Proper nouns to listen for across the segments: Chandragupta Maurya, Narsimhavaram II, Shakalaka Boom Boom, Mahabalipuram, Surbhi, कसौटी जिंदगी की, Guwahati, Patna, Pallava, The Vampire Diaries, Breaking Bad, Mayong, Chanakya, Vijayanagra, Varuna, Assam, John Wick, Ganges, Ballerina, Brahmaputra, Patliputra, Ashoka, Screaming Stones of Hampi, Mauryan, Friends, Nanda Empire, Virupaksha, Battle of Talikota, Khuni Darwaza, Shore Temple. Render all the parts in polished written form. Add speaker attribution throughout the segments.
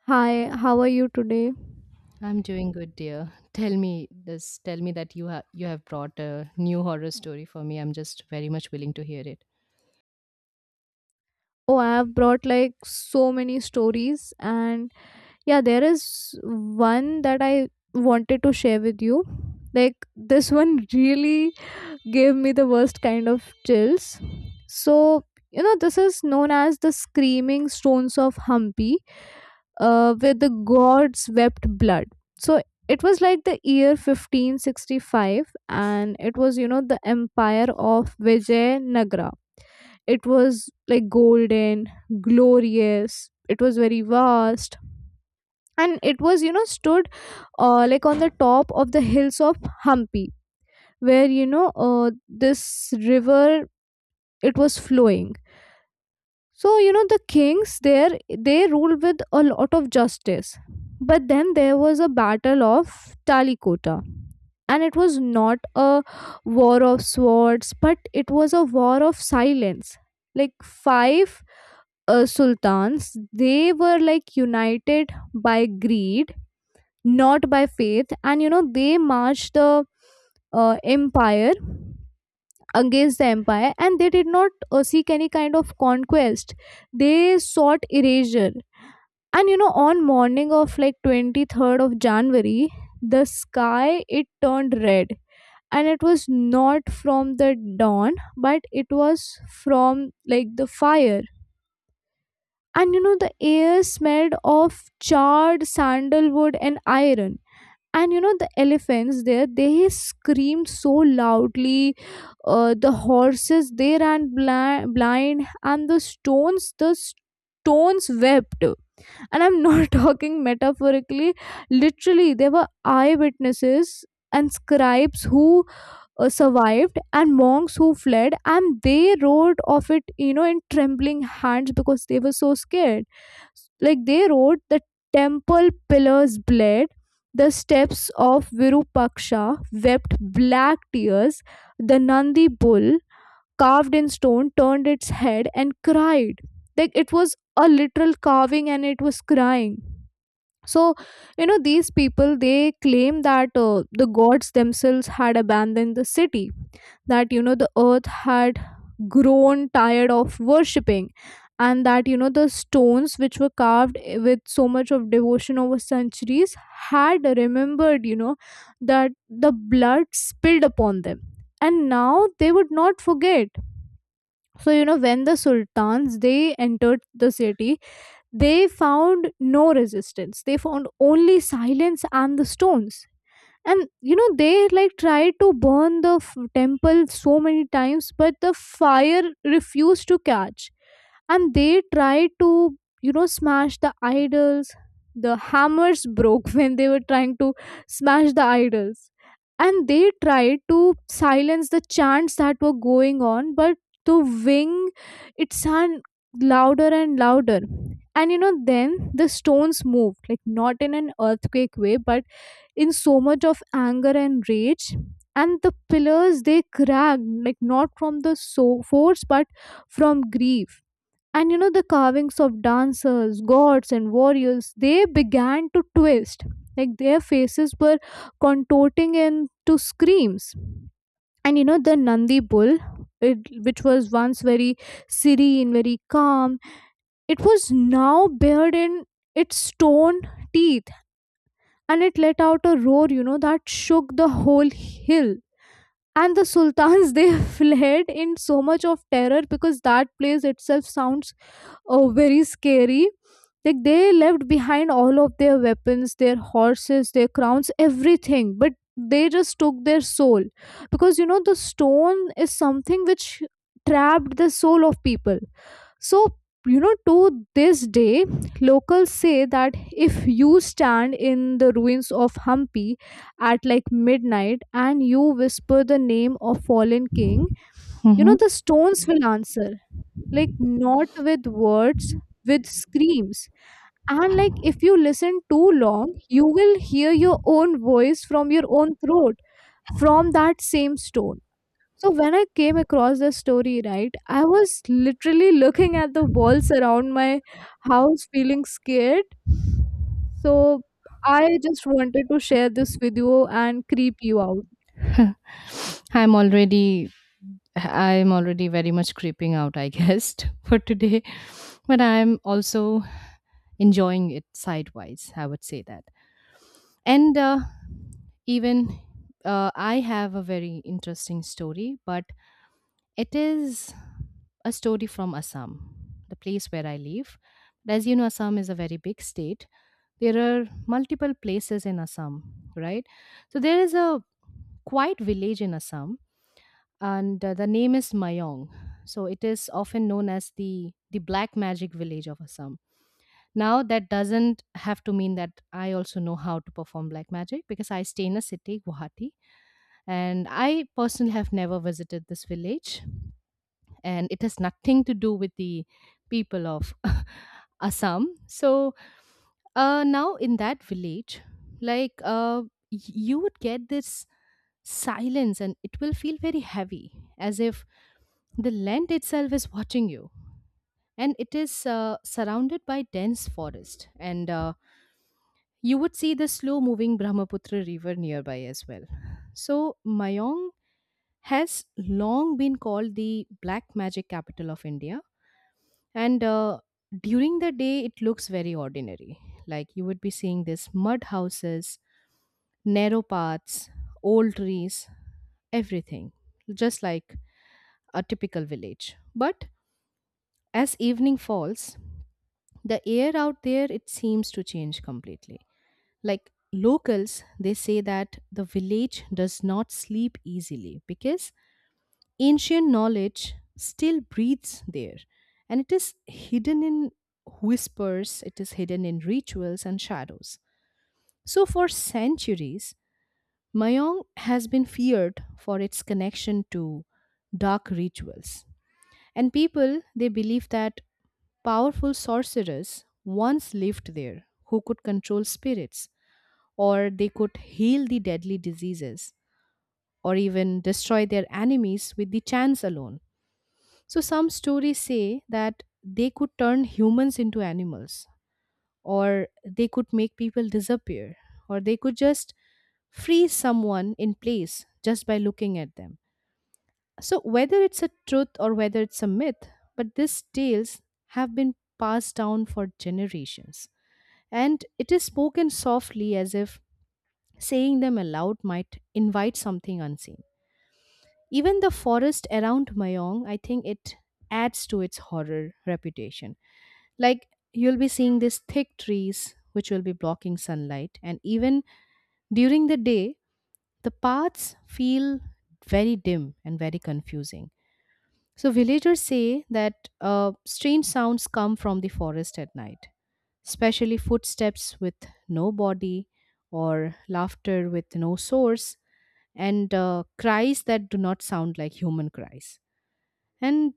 Speaker 1: Hi, how are you today?
Speaker 2: I'm doing good, dear. Tell me this. Tell me that you have brought a new horror story for me. I'm just very much willing to hear it.
Speaker 1: Oh, I have brought like so many stories, and yeah, there is one that I wanted to share with you. Like, this one really gave me the worst kind of chills. So, this is known as the Screaming Stones of Hampi, where the gods wept blood. So, it was like the year 1565, and it was, the empire of Vijayanagra. It was like golden, glorious. It was very vast, and it was stood, like on the top of the hills of Hampi, where this river, it was flowing. So the kings there, they ruled with a lot of justice. But then there was a battle of Talikota, and it was not a war of swords but it was a war of silence. Like, five sultans, they were like united by greed, not by faith. And they marched the empire against the empire, and they did not seek any kind of conquest. They sought erasure. And on morning of like 23rd of January, the sky, it turned red. And it was not from the dawn, but it was from, like, the fire. And the air smelled of charred sandalwood and iron. And the elephants there, they screamed so loudly. The horses, they ran blind, and the stones, wept. And I'm not talking metaphorically, literally there were eyewitnesses and scribes who survived, and monks who fled, and they wrote of it in trembling hands because they were so scared. Like, they wrote the temple pillars bled, the steps of Virupaksha wept black tears, the Nandi bull carved in stone turned its head and cried. Like, it was a literal carving and it was crying. So these people, they claim that the gods themselves had abandoned the city, that the earth had grown tired of worshipping, and that the stones which were carved with so much of devotion over centuries had remembered, that the blood spilled upon them, and now they would not forget. So when the sultans, they entered the city, they found no resistance, they found only silence and the stones. And they, like, tried to burn the temple so many times, but the fire refused to catch. And they tried to smash the idols. The hammers broke when they were trying to smash the idols. And they tried to silence the chants that were going on, but the wing, it sounded louder and louder. And then the stones moved, like, not in an earthquake way but in so much of anger and rage. And the pillars, they cracked, like, not from the so force but from grief. And the carvings of dancers, gods and warriors, they began to twist. Like, their faces were contorting into screams. And the Nandi bull, it, which was once very serene, very calm, it was now bared in its stone teeth. And it let out a roar, that shook the whole hill. And the sultans, they fled in so much of terror because that place itself sounds very scary. Like, they left behind all of their weapons, their horses, their crowns, everything. But they just took their soul because the stone is something which trapped the soul of people. So, to this day, locals say that if you stand in the ruins of Hampi at, like, midnight and you whisper the name of fallen king,
Speaker 2: Hmm.
Speaker 1: the stones will answer, like, not with words, with screams. And, like, if you listen too long, you will hear your own voice from your own throat from that same stone. So when I came across the story, right, I was literally looking at the walls around my house, feeling scared. So I just wanted to share this with you and creep you out.
Speaker 2: I'm already I'm already very much creeping out, I guess, for today. But I'm also enjoying it sidewise. I would say that. And even I have a very interesting story, but it is a story from Assam, the place where I live. But as you know, Assam is a very big state. There are multiple places in Assam, right? So there is a quiet village in Assam, and the name is Mayong. So it is often known as the black magic village of Assam. Now that doesn't have to mean that I also know how to perform black magic because I stay in a city, Guwahati, and I personally have never visited this village. And it has nothing to do with the people of Assam. So now in that village, like uh, you would get this silence and it will feel very heavy as if the land itself is watching you, and it is surrounded by dense forest, and you would see the slow moving brahmaputra river nearby as well. So mayong has long been called the black magic capital of india. And during the day, it looks very ordinary. Like you would be seeing these mud houses, narrow paths, old trees, everything, just like a typical village. But as evening falls, the air out there it seems to change completely. Like locals, they say that the village does not sleep easily because ancient knowledge still breathes there, and it is hidden in whispers, it is hidden in rituals and shadows. So, for centuries, Mayong has been feared for its connection to dark rituals. And people, they believe that powerful sorcerers once lived there who could control spirits, or they could heal the deadly diseases, or even destroy their enemies with the chants alone. So some stories say that they could turn humans into animals, or they could make people disappear, or they could just freeze someone in place just by looking at them. So whether it's a truth or whether it's a myth, but these tales have been passed down for generations. And it is spoken softly as if saying them aloud might invite something unseen. Even the forest around Mayong, I think it adds to its horror reputation. Like you'll be seeing these thick trees which will be blocking sunlight, and even during the day, the paths feel very dim and very confusing. So, villagers say that strange sounds come from the forest at night, especially footsteps with no body, or laughter with no source, and cries that do not sound like human cries. And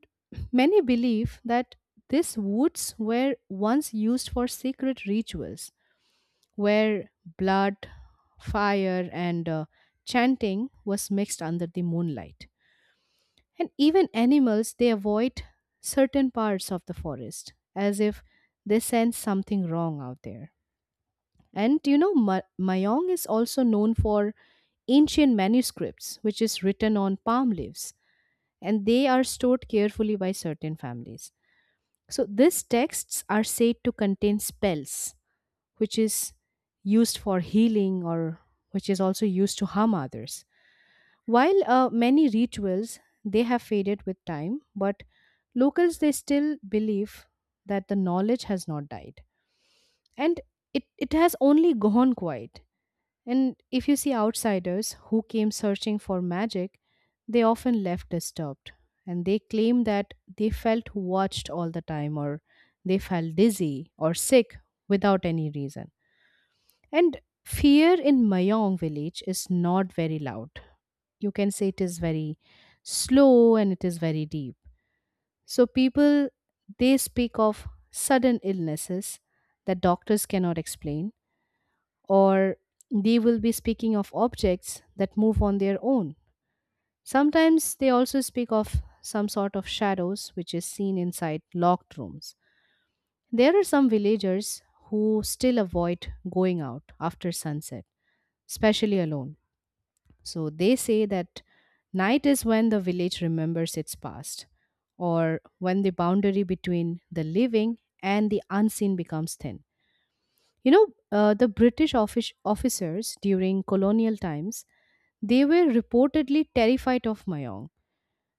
Speaker 2: many believe that these woods were once used for secret rituals where blood, fire, and chanting was mixed under the moonlight. And even animals, they avoid certain parts of the forest as if they sense something wrong out there. And you know, Mayong is also known for ancient manuscripts, which is written on palm leaves, and they are stored carefully by certain families. So these texts are said to contain spells, which is used for healing, or which is also used to harm others. While many rituals they have faded with time, but locals they still believe that the knowledge has not died, and it has only gone quiet, and if you see outsiders who came searching for magic, they often left disturbed and they claim that they felt watched all the time, or they felt dizzy or sick without any reason. And fear in Mayong village is not very loud. You can say it is very slow and it is very deep. So people they speak of sudden illnesses that doctors cannot explain, or they will be speaking of objects that move on their own. Sometimes they also speak of some sort of shadows which is seen inside locked rooms. There are some villagers who still avoid going out after sunset, especially alone. So they say that night is when the village remembers its past, or when the boundary between the living and the unseen becomes thin. You know, the British officers during colonial times, they were reportedly terrified of Mayong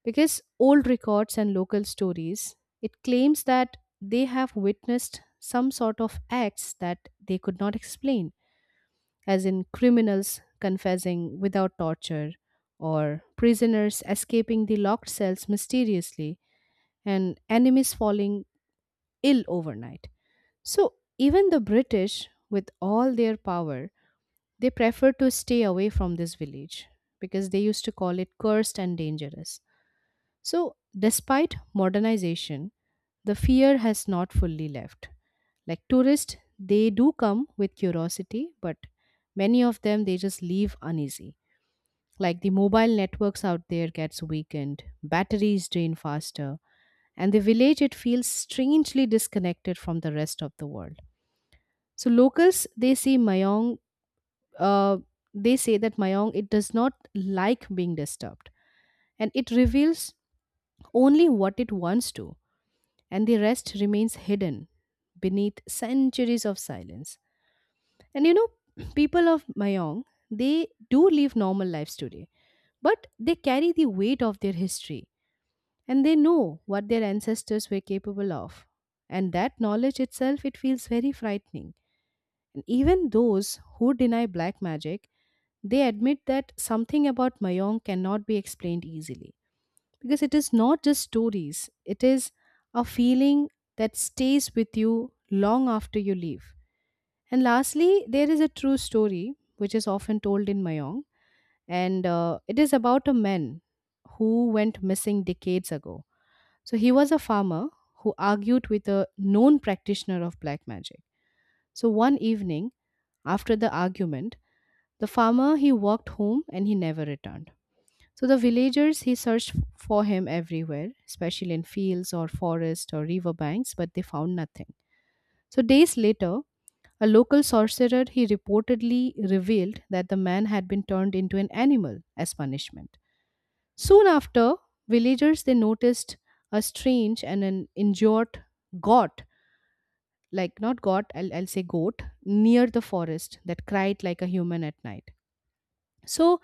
Speaker 2: because old records and local stories it claims that they have witnessed some sort of acts that they could not explain, as in criminals confessing without torture, or prisoners escaping the locked cells mysteriously, and enemies falling ill overnight. So even the British with all their power, they prefer to stay away from this village because they used to call it cursed and dangerous. So, despite modernization, the fear has not fully left. Like tourists, they do come with curiosity, but many of them they just leave uneasy. Like the mobile networks out there gets weakened, batteries drain faster, and the village it feels strangely disconnected from the rest of the world. So locals they see Mayong, uh, they say that Mayong it does not like being disturbed and it reveals only what it wants to, and the rest remains hidden beneath centuries of silence. And you know, people of Mayong they do live normal lives today, but they carry the weight of their history and they know what their ancestors were capable of. And that knowledge itself it feels very frightening. And even those who deny black magic, they admit that something about Mayong cannot be explained easily because it is not just stories, it is a feeling that stays with you long after you leave. And lastly, there is a true story which is often told in Mayong, and it is about a man who went missing decades ago. So he was a farmer who argued with a known practitioner of black magic. So one evening, after the argument, the farmer he walked home and he never returned. So the villagers he searched for him everywhere, especially in fields or forest or river banks, but they found nothing. So days later, a local sorcerer he reportedly revealed that the man had been turned into an animal as punishment. Soon after, villagers they noticed a strange and an injured goat, like not goat, I'll say goat, near the forest that cried like a human at night. So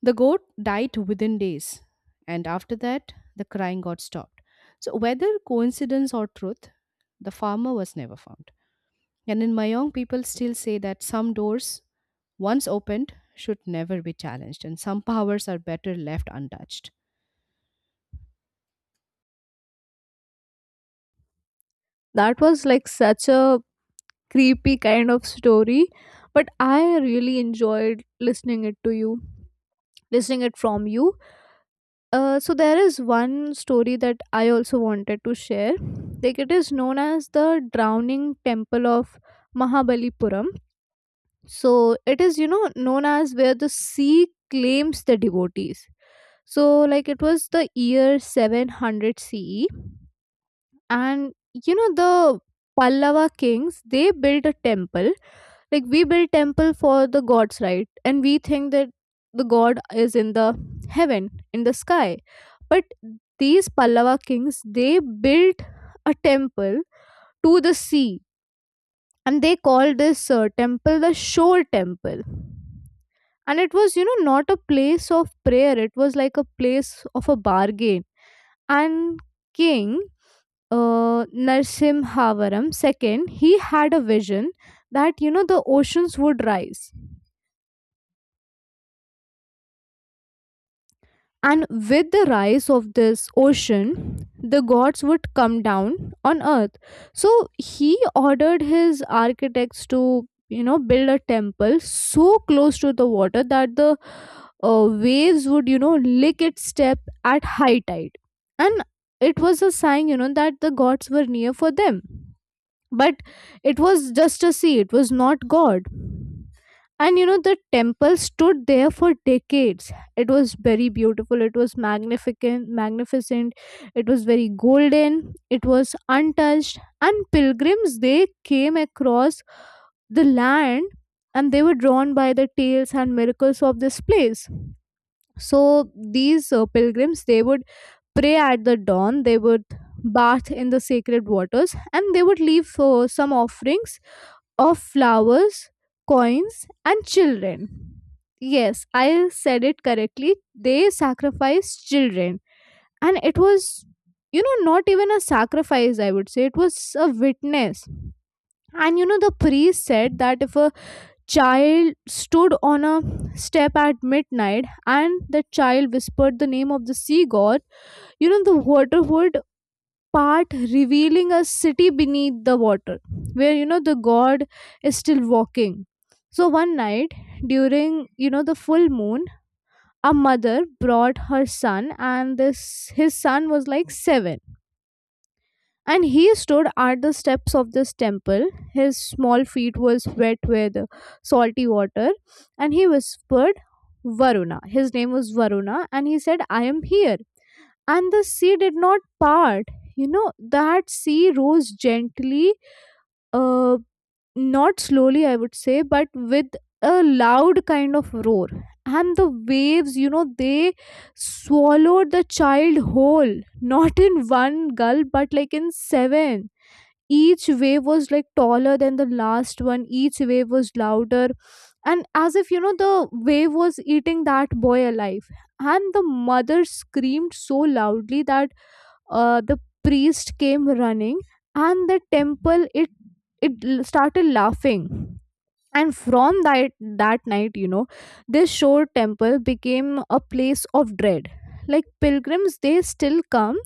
Speaker 2: the goat died within days, and after that, the crying got stopped. So, whether coincidence or truth, the farmer was never found. And in Mayong, people still say that some doors, once opened, should never be challenged, and some powers are better left untouched.
Speaker 1: That was like such a creepy kind of story, but I really enjoyed listening it to you, listening it from you. So there is one story that I also wanted to share. Like, it is known as the drowning temple of Mahabalipuram. So it is, known as where the sea claims the devotees. So, like, it was the year 700 CE, and the Pallava kings, they built a temple. Like, we build temple for the gods, right? And we think that the god is in the heaven, in the sky. But these Pallava kings, they built a temple to the sea, and they called this temple the shore temple. And it was, not a place of prayer, it was like a place of a bargain. And king Narsimhavaram II, he had a vision that the oceans would rise, and with the rise of this ocean, the gods would come down on earth. So he ordered his architects to build a temple so close to the water that the waves would lick its step at high tide, and it was a sign, that the gods were near for them. But it was just a sea, it was not god. And the temple stood there for decades, it was very beautiful, it was magnificent, it was very golden, it was untouched. And pilgrims, they came across the land, and they were drawn by the tales and miracles of this place. So these pilgrims, they would pray at the dawn, they would bath in the sacred waters, and they would leave some offerings of flowers, coins, and children. Yes, I said it correctly, they sacrificed children. And it was, not even a sacrifice, I would say it was a witness. And the priest said that if a child stood on a step at midnight and the child whispered the name of the sea god, the water would part, revealing a city beneath the water where the god is still walking. So one night, during the full moon, a mother brought her son, and this his son was like 7. And he stood at the steps of this temple, his small feet was wet with salty water, and he whispered Varuna, his name was Varuna, and he said, I am here. And the sea did not part. you know that sea rose gently, uh, not slowly I would say, but with a loud kind of roar. And the waves, they swallowed the child whole, not in one gulp but like in seven. Each wave was like taller than the last one, each wave was louder, and as if the wave was eating that boy alive. And the mother screamed so loudly that the priest came running. And the temple, it started laughing. And from that night, this shore temple became a place of dread. Like, pilgrims, they still come,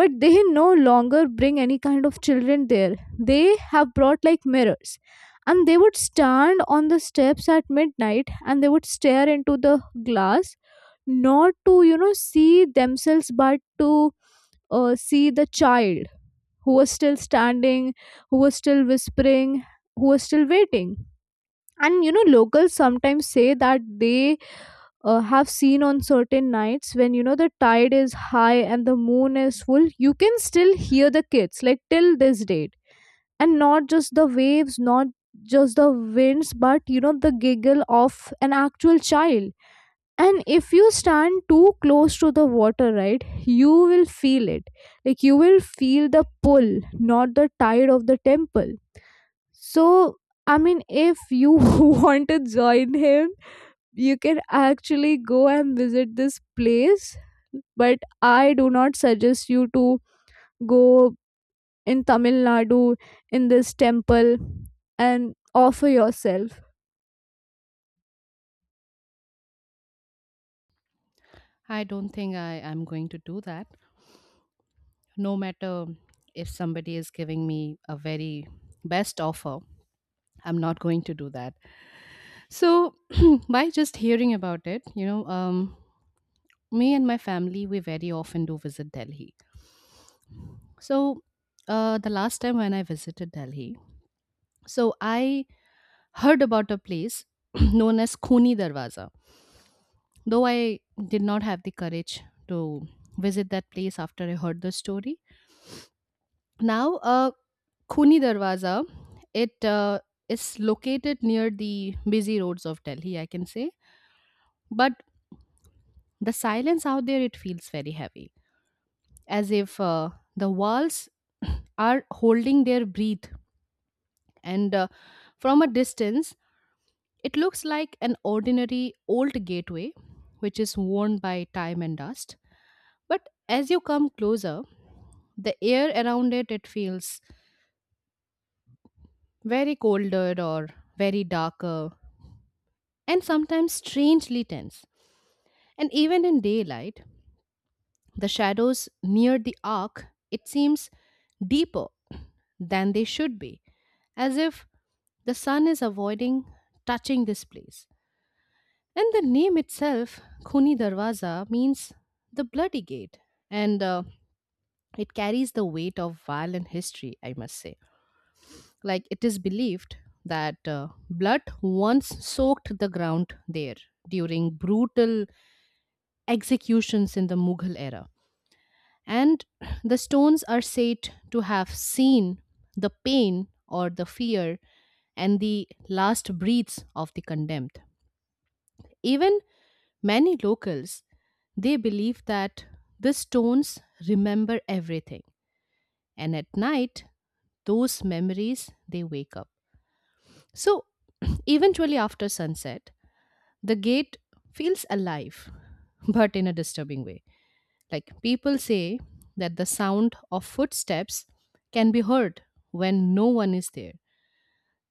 Speaker 1: but they no longer bring any kind of children there. They have brought, like, mirrors, and they would stand on the steps at midnight, and they would stare into the glass, not to see themselves, but to see the child, who was still standing, who was still whispering, who was still waiting. And locals sometimes say that they have seen on certain nights when the tide is high and the moon is full, you can still hear the kids, like, till this date. And not just the waves, not just the winds, but the giggle of an actual child. And if you stand too close to the water, right, you will feel it. Like, you will feel the pull, not the tide of the temple. So, I mean, if you want to join him, you can actually go and visit this place, but I do not suggest you to go, in Tamil Nadu, in this temple, and offer yourself.
Speaker 2: I don't think I am going to do that. No matter if somebody is giving me a very best offer, I'm not going to do that. So, by just hearing about it, you know, me and my family, we very often do visit Delhi. So, the last time when I visited Delhi, so I heard about a place known as Khuni Darwaza. Though I did not have the courage to visit that place after I heard the story. Now, Khuni Darwaza, it is located near the busy roads of Delhi, I can say. But the silence out there, it feels very heavy, as if the walls are holding their breath. And from a distance, it looks like an ordinary old gateway, which is worn by time and dust. But as you come closer, the air around it it feels very colder or very darker, and sometimes strangely tense, and even in daylight the shadows near the arc it seems deeper than they should be, as if the sun is avoiding touching this place. And the name itself, Khuni Darwaza, means the bloody gate, and it carries the weight of violent history, I must say. Like it is believed that blood once soaked the ground there during brutal executions in the Mughal era. And the stones are said to have seen the pain or the fear and the last breaths of the condemned. Even many locals they believe that the stones remember everything, and at night those memories they wake up. So eventually after sunset the gate feels alive but in a disturbing way. Like people say that the sound of footsteps can be heard when no one is there.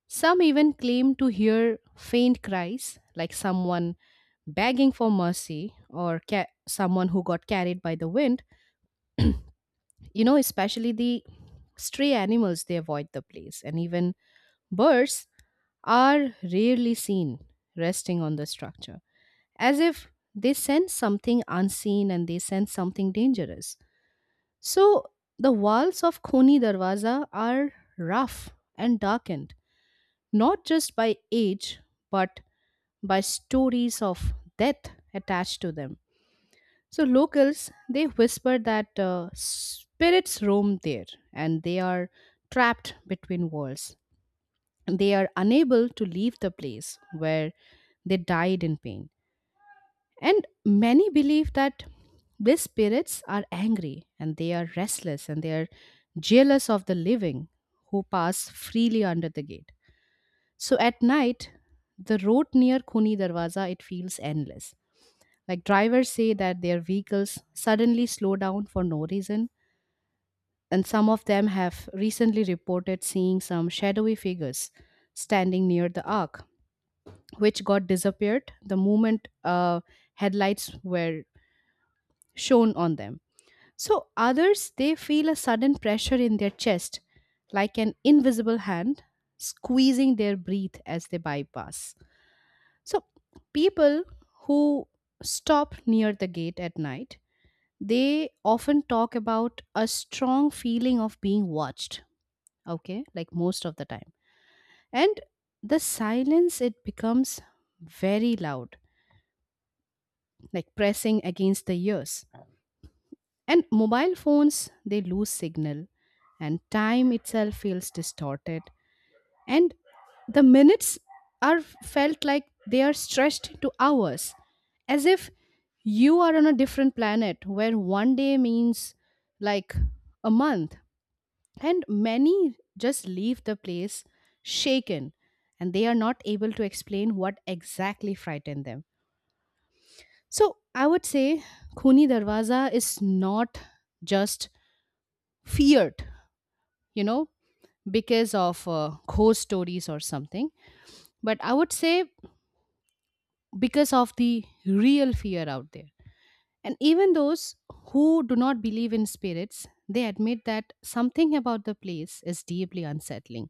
Speaker 2: Some even claim to hear faint cries, like someone begging for mercy, or someone who got carried by the wind. You know, especially the stray animals, they avoid the place, and even birds are rarely seen resting on the structure, as if they sense something unseen and they sense something dangerous. So, the walls of Khoni Darwaza are rough and darkened, not just by age, but by stories of death attached to them. So locals they whisper that spirits roam there and they are trapped between walls. They are unable to leave the place where they died in pain. And many believe that these spirits are angry and they are restless and they are jealous of the living who pass freely under the gate. So at night, the road near Khuni Darwaza it feels endless. Like drivers say that their vehicles suddenly slow down for no reason, and some of them have recently reported seeing some shadowy figures standing near the arc, which got disappeared the moment headlights were shown on them. So others they feel a sudden pressure in their chest, like an invisible hand squeezing their breath as they bypass. So people who stop near the gate at night they often talk about a strong feeling of being watched, okay, like most of the time, and the silence it becomes very loud, like pressing against the ears, and mobile phones they lose signal, and time itself feels distorted, and the minutes are felt like they are stretched to hours, as if you are on a different planet where one day means like a month. And many just leave the place shaken and they are not able to explain what exactly frightened them. So I would say Khuni Darwaza is not just feared, you know, because of ghost stories or something, but I would say because of the real fear out there. And even those who do not believe in spirits, they admit that something about the place is deeply unsettling,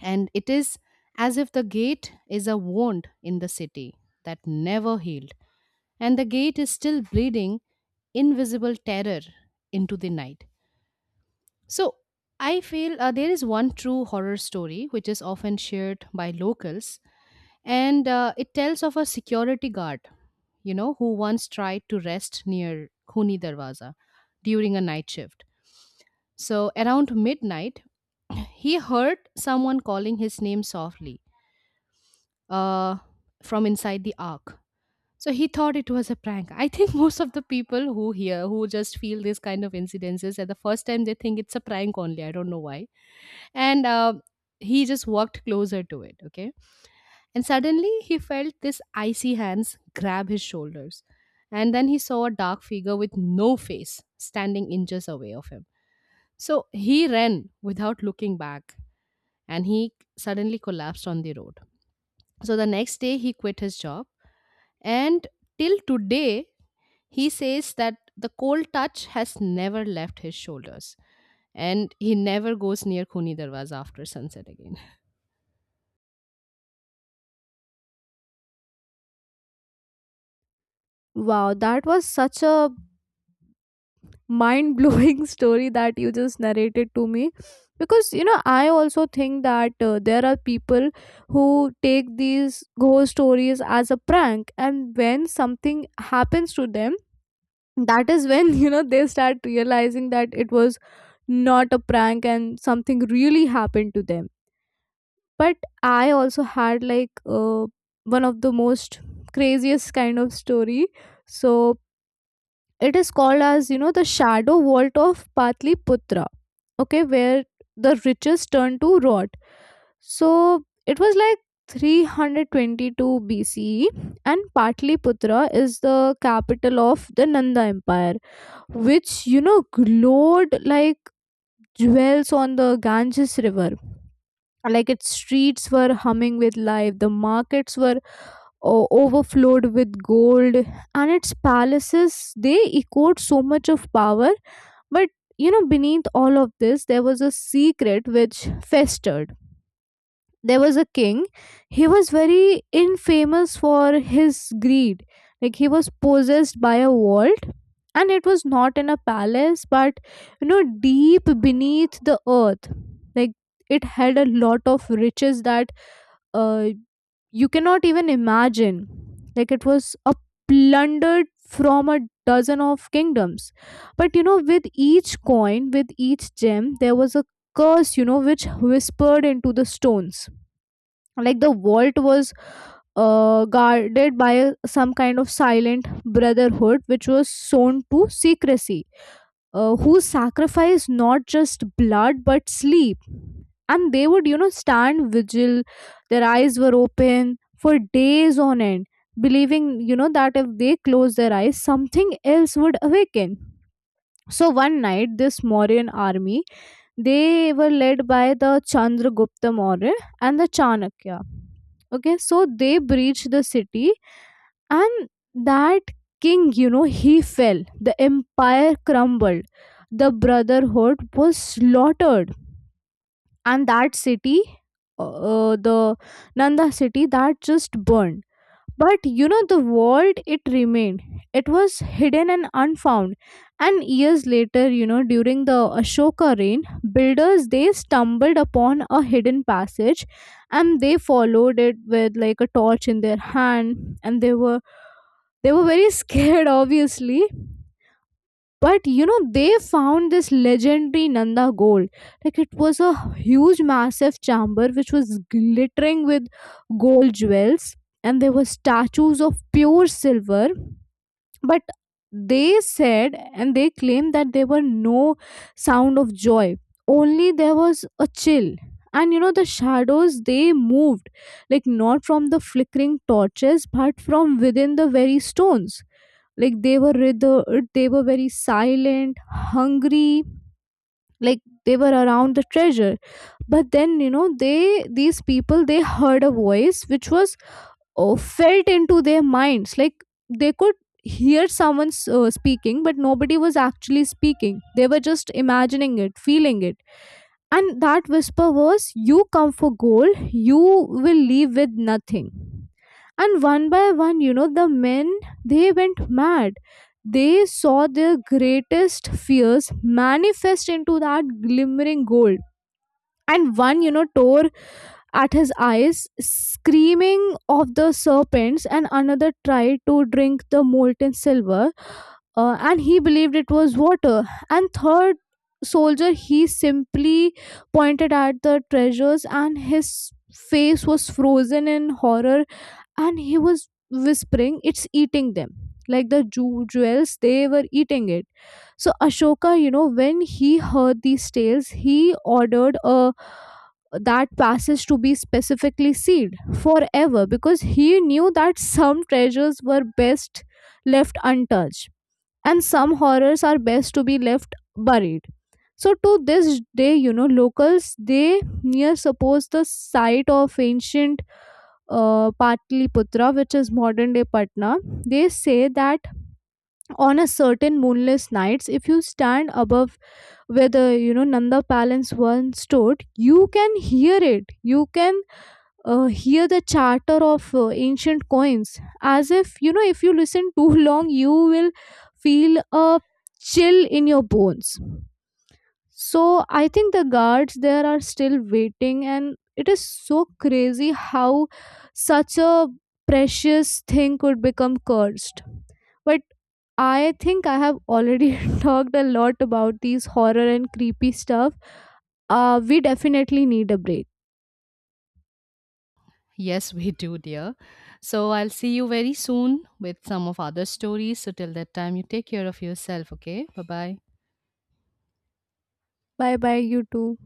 Speaker 2: and it is as if the gate is a wound in the city that never healed, and the gate is still bleeding invisible terror into the night. So I feel there is one true horror story which is often shared by locals, and it tells of a security guard, you know, who once tried to rest near khuni darwaza during a night shift. So around midnight he heard someone calling his name softly uh, from inside the ark. So he thought it was a prank. I think most of the people who hear, who just feel these kind of incidences at the first time, they think it's a prank only. I don't know why. And he just walked closer to it. Okay. And suddenly he felt this icy hands grab his shoulders. And then he saw a dark figure with no face standing inches away of him. So he ran without looking back and he suddenly collapsed on the road. So the next day, he quit his job. And till today, he says that the cold touch has never left his shoulders. And he never goes near Khuni Darwaza after sunset again.
Speaker 1: Wow, that was such a mind-blowing story that you just narrated to me, because I also think that there are people who take these ghost stories as a prank, and when something happens to them, that is when they start realizing that it was not a prank and something really happened to them. But I also had, like, one of the most craziest kind of story. So it is called as, the Shadow Vault of Patliputra, okay, where the riches turned to rot. So it was like 322 BCE, and Patliputra is the capital of the Nanda Empire, which glowed like jewels on the Ganges river. Like, its streets were humming with life, the markets were overflowed with gold, and its palaces they echoed so much of power. But beneath all of this there was a secret which festered. There was a king. He was very infamous for his greed, like he was possessed by a vault. And it was not in a palace but deep beneath the earth, like it had a lot of riches that uh, you cannot even imagine. Like it was a plundered from a dozen of kingdoms. But with each coin, with each gem, there was a curse, which whispered into the stones. Like the vault was guarded by some kind of silent brotherhood which was sown to secrecy, who sacrificed not just blood but sleep. And they would, stand vigil, their eyes were open for days on end, believing, that if they close their eyes, something else would awaken. So one night, this Mauryan army, they were led by the Chandragupta Maurya and the Chanakya. Okay, so they breached the city, and that king, he fell. The empire crumbled. The brotherhood was slaughtered. And that city, uh, the Nanda city, that just burned. But the vault, it remained. It was hidden and unfound. And years later, during the Ashoka reign, builders they stumbled upon a hidden passage, and they followed it with like a torch in their hand, and they were very scared obviously. But they found this legendary Nanda gold. Like it was a huge, massive chamber which was glittering with gold jewels, and there were statues of pure silver. But they said and they claimed that there were no sound of joy, only there was a chill. And the shadows they moved, like not from the flickering torches but from within the very stones, like they were withered, they were very silent, hungry, like they were around the treasure. But then they these people they heard a voice which was, felt into their minds, like they could hear someone speaking, but nobody was actually speaking, they were just imagining it, feeling it. And that whisper was, "You come for gold, you will leave with nothing." And one by one the men, they went mad, they saw their greatest fears manifest into that glimmering gold. And one tore at his eyes, screaming of the serpents, and another tried to drink the molten silver, and he believed it was water. And third soldier, he simply pointed at the treasures, and his face was frozen in horror, and he was whispering, "It's eating them." Like the jewels, they were eating it. So Ashoka, when he heard these tales, he ordered a that passage to be specifically sealed forever, because he knew that some treasures were best left untouched, and some horrors are best to be left buried. So to this day, locals they near suppose the site of ancient, Patliputra, which is modern day Patna. They say that on a certain moonless nights, if you stand above where the Nanda palace once stood, you can hear it. You can, hear the chatter of ancient coins, as if if you listen too long, you will feel a chill in your bones. So I think the guards there are still waiting, and it is so crazy how such a precious thing could become cursed. But I think I have already talked a lot about these horror and creepy stuff. We definitely need a break.
Speaker 2: Yes, we do, dear. So I'll see you very soon with some of other stories. So till that time, you take care of yourself, okay? Bye bye.
Speaker 1: Bye bye, you too.